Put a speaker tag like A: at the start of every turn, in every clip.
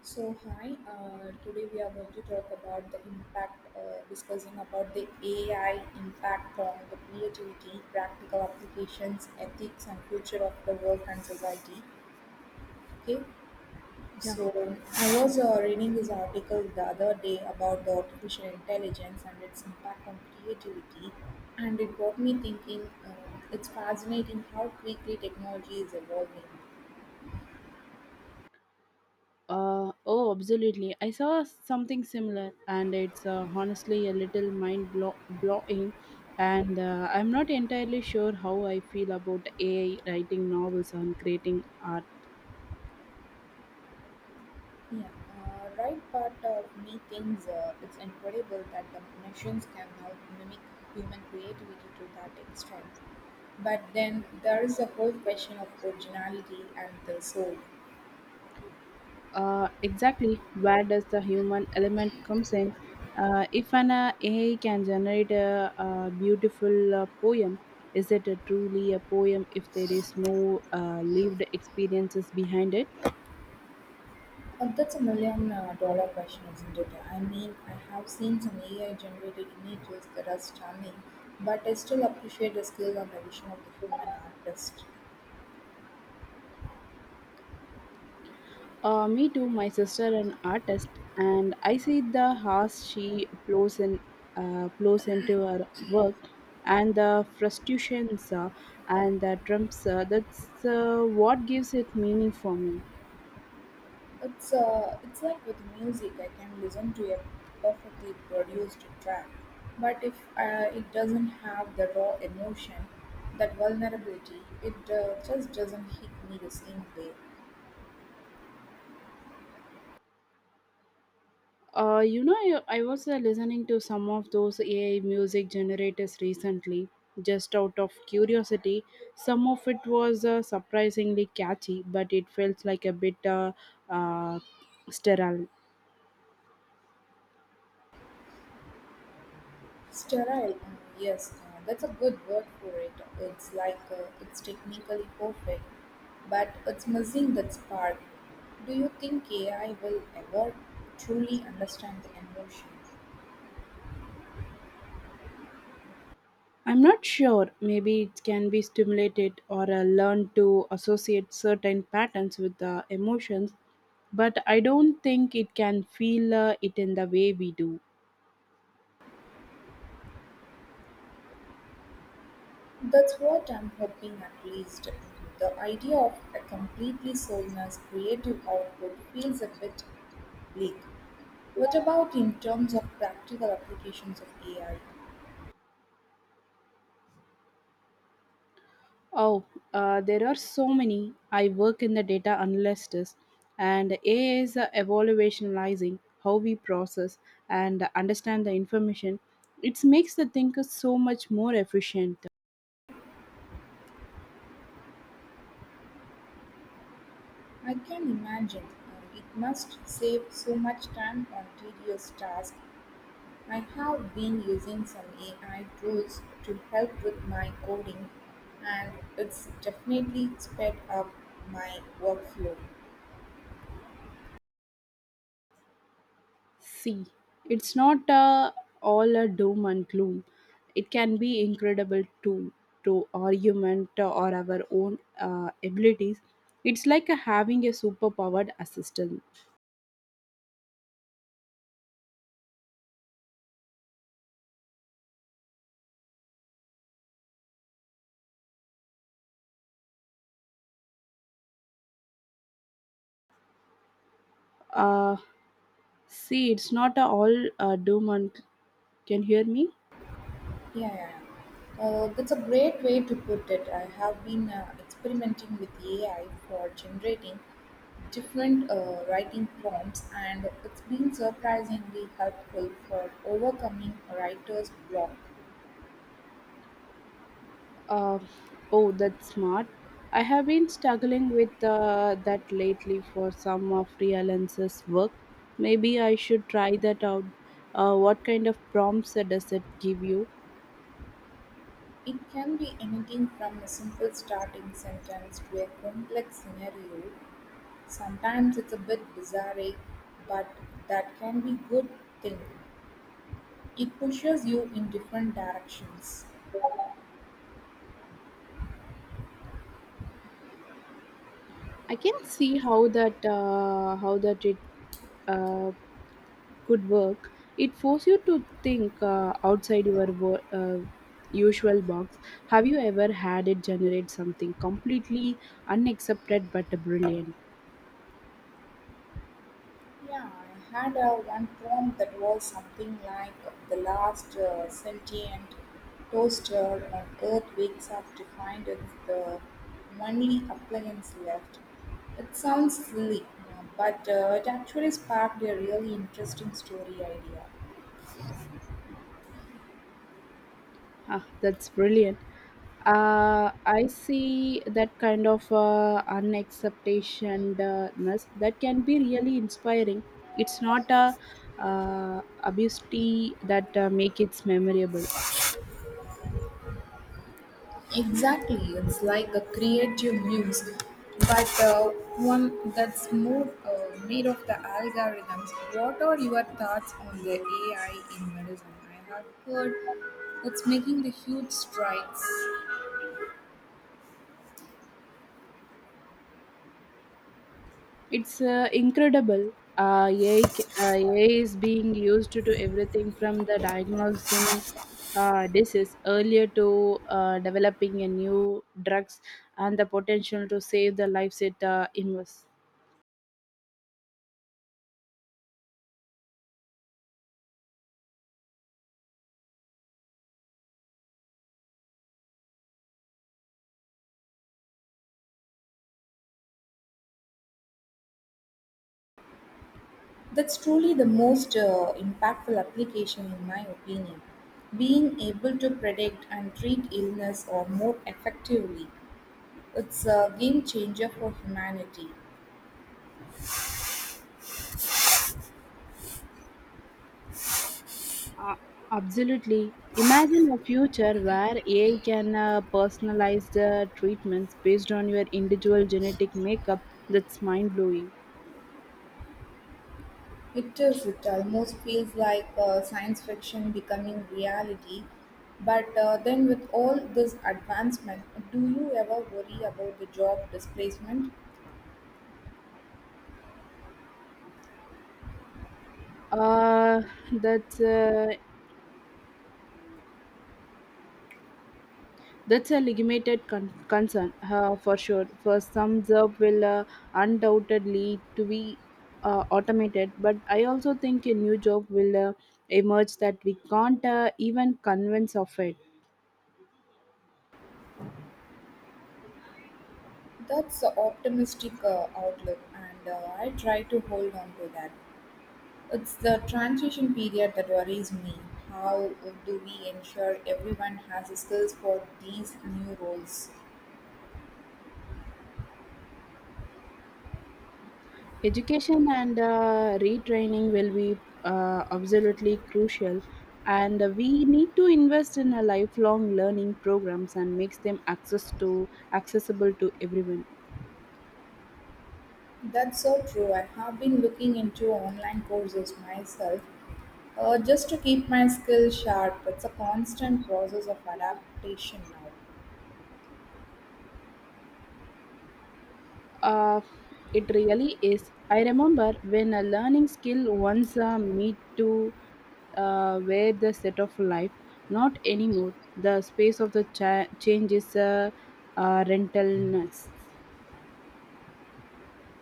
A: So hi, today we are going to talk about the impact, discussing about the AI impact on the creativity, practical applications, ethics, and future of the work and society. Okay,
B: Yeah.
A: so I was reading this article the other day about the artificial intelligence and its impact on creativity, and it got me thinking. It's fascinating how quickly technology is evolving.
B: Oh, absolutely. I saw something similar, and it's honestly a little blowing. And I'm not entirely sure how I feel about AI writing novels and creating art.
A: Yeah, right, part of me thinks it's incredible that the machines can now mimic human creativity to that extent. But then there is the whole question of originality and the soul.
B: Exactly, where does the human element comes in? If an AI can generate a beautiful poem, is it a truly a poem if there is no lived experiences behind it?
A: And that's a million dollar question, isn't it? I mean, I have seen some AI generated images that are stunning, but I still appreciate the skill and the vision of the human artist.
B: Me too, my sister an artist, and I see the hours she blows in, blows into her work, and the frustrations and the trumps. That's what gives it meaning for me.
A: It's like with music, I can listen to a perfectly produced track, but if it doesn't have the raw emotion, that vulnerability, it just doesn't hit me the same way.
B: I was listening to some of those AI music generators recently, just out of curiosity. Some of it was surprisingly catchy, but it felt like a bit uh, sterile.
A: Sterile, yes, that's a good word for it. It's like it's technically perfect, but it's missing that spark. Do you think AI will ever truly understand the emotion?
B: I'm not sure. Maybe it can be stimulated or learned to associate certain patterns with the emotions, but I don't think it can feel it in the way we do.
A: That's what I'm hoping at least. The idea of a completely soulless creative output feels a bit bleak. What about in terms of practical applications of AI?
B: Oh, there are so many. I work in the data analysis, and AI is evaluationalizing how we process and understand the information. It makes the thinker so much more efficient.
A: I can imagine it must save so much time on tedious tasks. I have been using some AI tools to help with my coding, and it's definitely sped up my workflow.
B: See, it's not all a doom and gloom. It can be incredible to argument or our own abilities. It's like having a superpowered assistant. Uh, See, it's not a all doom and. Can you hear me?
A: Yeah, yeah, yeah. That's a great way to put it. I have been experimenting with AI for generating different writing prompts, and it's been surprisingly helpful for overcoming a writer's block.
B: Uh, oh, that's smart. I have been struggling with that lately for some of freelancers' work. Maybe I should try that out. What kind of prompts does it give you?
A: It can be anything from a simple starting sentence to a complex scenario. Sometimes it's a bit bizarre, but that can be good thing. It pushes you in different directions.
B: I can see how that it uh, could work. It forces you to think outside your usual box. Have you ever had it generate something completely unaccepted but brilliant?
A: Yeah, I had one prompt that was something like the last sentient toaster on Earth wakes up to find it's the only appliance left. It sounds silly, but it actually sparked a really interesting story idea.
B: Ah, that's brilliant. I see that kind of unacceptationness that can be really inspiring. It's not a obviously that make it memorable.
A: Exactly, it's like a creative muse, but one that's more made of the algorithms. What are your thoughts on the AI in medicine? I have heard it's making the huge strides.
B: It's incredible. Uh, AI is being used to do everything from the diagnosing disease earlier to developing a new drugs and the potential to save the lives it invests.
A: That's truly the most impactful application, in my opinion. Being able to predict and treat illness or more effectively, it's a game changer for humanity.
B: Uh, Absolutely. Imagine a future where AI can personalize the treatments based on your individual genetic makeup. That's mind blowing.
A: It is. It almost feels like science fiction becoming reality. But then, with all this advancement, do you ever worry about the job displacement?
B: Uh, that's uh, that's a legitimate concern for sure. For some job will undoubtedly to be automated, but I also think a new job will emerge that we can't even convince of it.
A: That's an optimistic outlook, and I try to hold on to that. It's the transition period that worries me. How do we ensure everyone has the skills for these new roles?
B: Education and retraining will be absolutely crucial, and we need to invest in a lifelong learning programs and makes them access to accessible to everyone.
A: That's so true. I have been looking into online courses myself just to keep my skills sharp. It's a constant process of adaptation now.
B: Uh, it really is. I remember when a learning skill once me to where the set of life, not anymore. The space of the change is rentalness.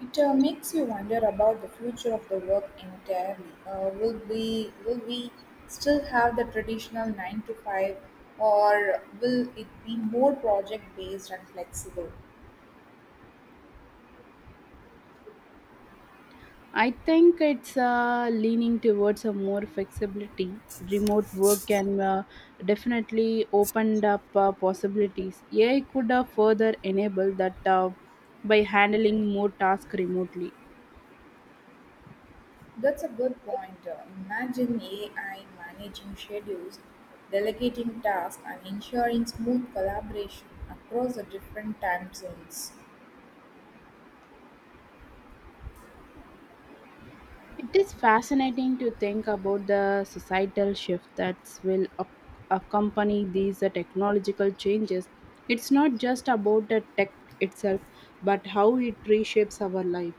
A: It makes you wonder about the future of the work entirely. Will we still have the traditional 9 to 5, or will it be more project based and flexible?
B: I think it's leaning towards a more flexibility. Remote work can definitely opened up possibilities. AI could further enable that by handling more tasks remotely.
A: That's a good point. Imagine AI managing schedules, delegating tasks, and ensuring smooth collaboration across the different time zones.
B: It is fascinating to think about the societal shift that will accompany these technological changes. It's not just about the tech itself, but how it reshapes our life.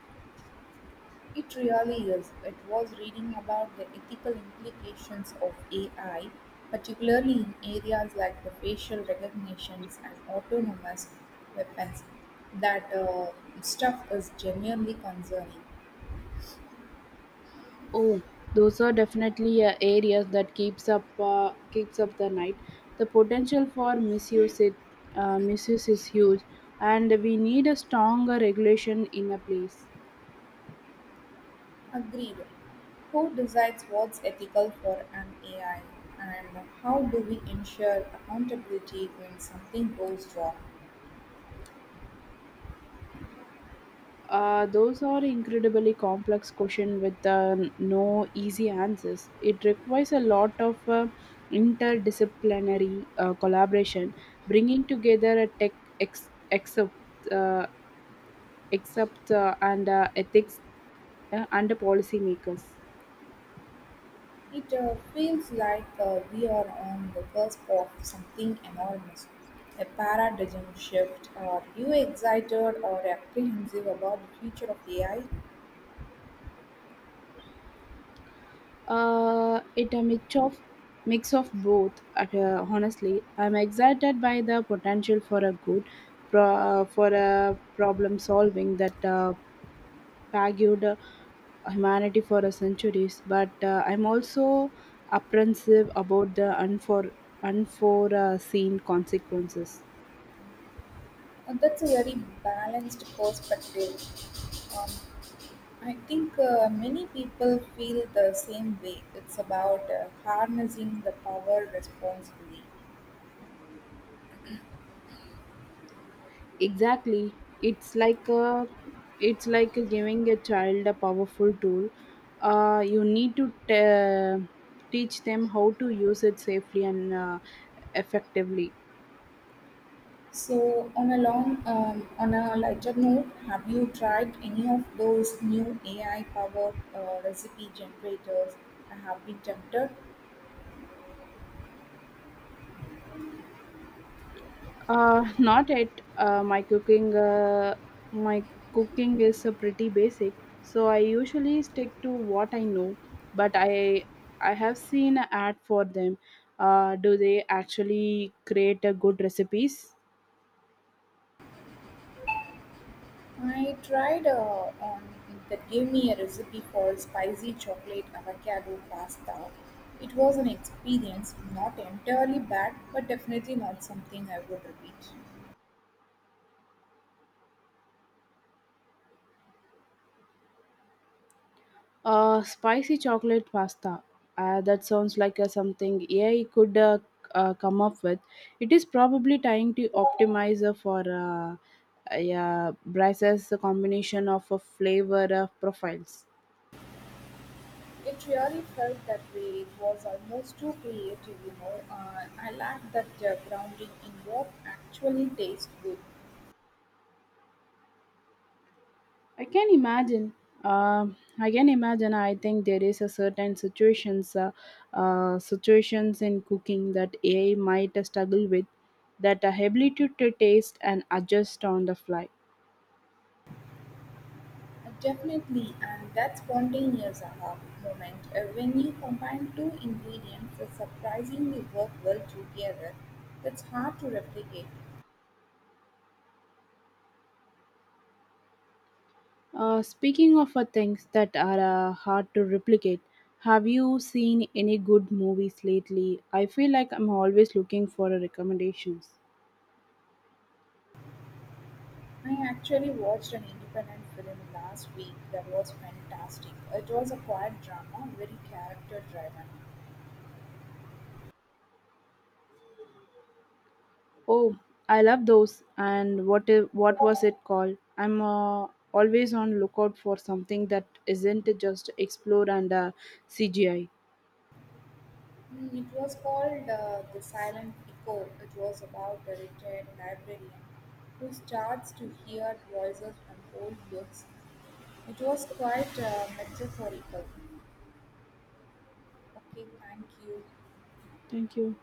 A: It really is. It was reading about the ethical implications of AI, particularly in areas like the facial recognitions and autonomous weapons. That stuff is genuinely concerning.
B: Oh, those are definitely areas that keeps up the night. The potential for misuse is huge, and we need a stronger regulation in a place.
A: Agreed. Who decides what's ethical for an AI? And how do we ensure accountability when something goes wrong?
B: Those are incredibly complex question with no easy answers. It requires a lot of interdisciplinary collaboration, bringing together a tech ex- excerpt, except and ethics and policymakers.
A: It feels like we are on the cusp of something enormous. A paradigm shift. Are you excited or apprehensive about the future of AI?
B: It a mix of both. Honestly, I'm excited by the potential for a good pro- for a problem solving that plagued humanity for a centuries. But I'm also apprehensive about the unforeseen consequences.
A: That's a very balanced perspective. Um, I think many people feel the same way. It's about harnessing the power responsibly.
B: Exactly. It's like giving a child a powerful tool. You need to teach them how to use it safely and effectively.
A: So, on a on a lighter note, have you tried any of those new AI-powered recipe generators? I have been tempted.
B: Not yet. My cooking is pretty basic, so I usually stick to what I know. But I have seen an ad for them. Do they actually create a good recipes?
A: I tried on that gave me a recipe for spicy chocolate avocado pasta. It was an experience, not entirely bad, but definitely not something I would repeat.
B: Spicy chocolate pasta. That sounds like something AI could come up with. It is probably trying to optimize for a Bryce's combination of flavor profiles.
A: It really felt that way. It was almost too creative, you know. I lacked that grounding in what actually tastes good.
B: I can imagine. I can imagine. I think there is a certain situations in cooking that AI might struggle with, that ability to taste and adjust on the fly.
A: Definitely, and that spontaneous aha moment when you combine two ingredients that surprisingly work well together. That's hard to replicate.
B: Speaking of things that are hard to replicate, have you seen any good movies lately? I feel like I'm always looking for recommendations.
A: I actually watched an independent film last week that was fantastic. It was a quiet drama, very character driven.
B: Oh, I love those. And what was it called? I'm always on lookout for something that isn't just explore and CGI.
A: Mm, it was called The Silent Echo. It was about a retired librarian who starts to hear voices from old books. It was quite metaphorical. Okay, thank you.
B: Thank you.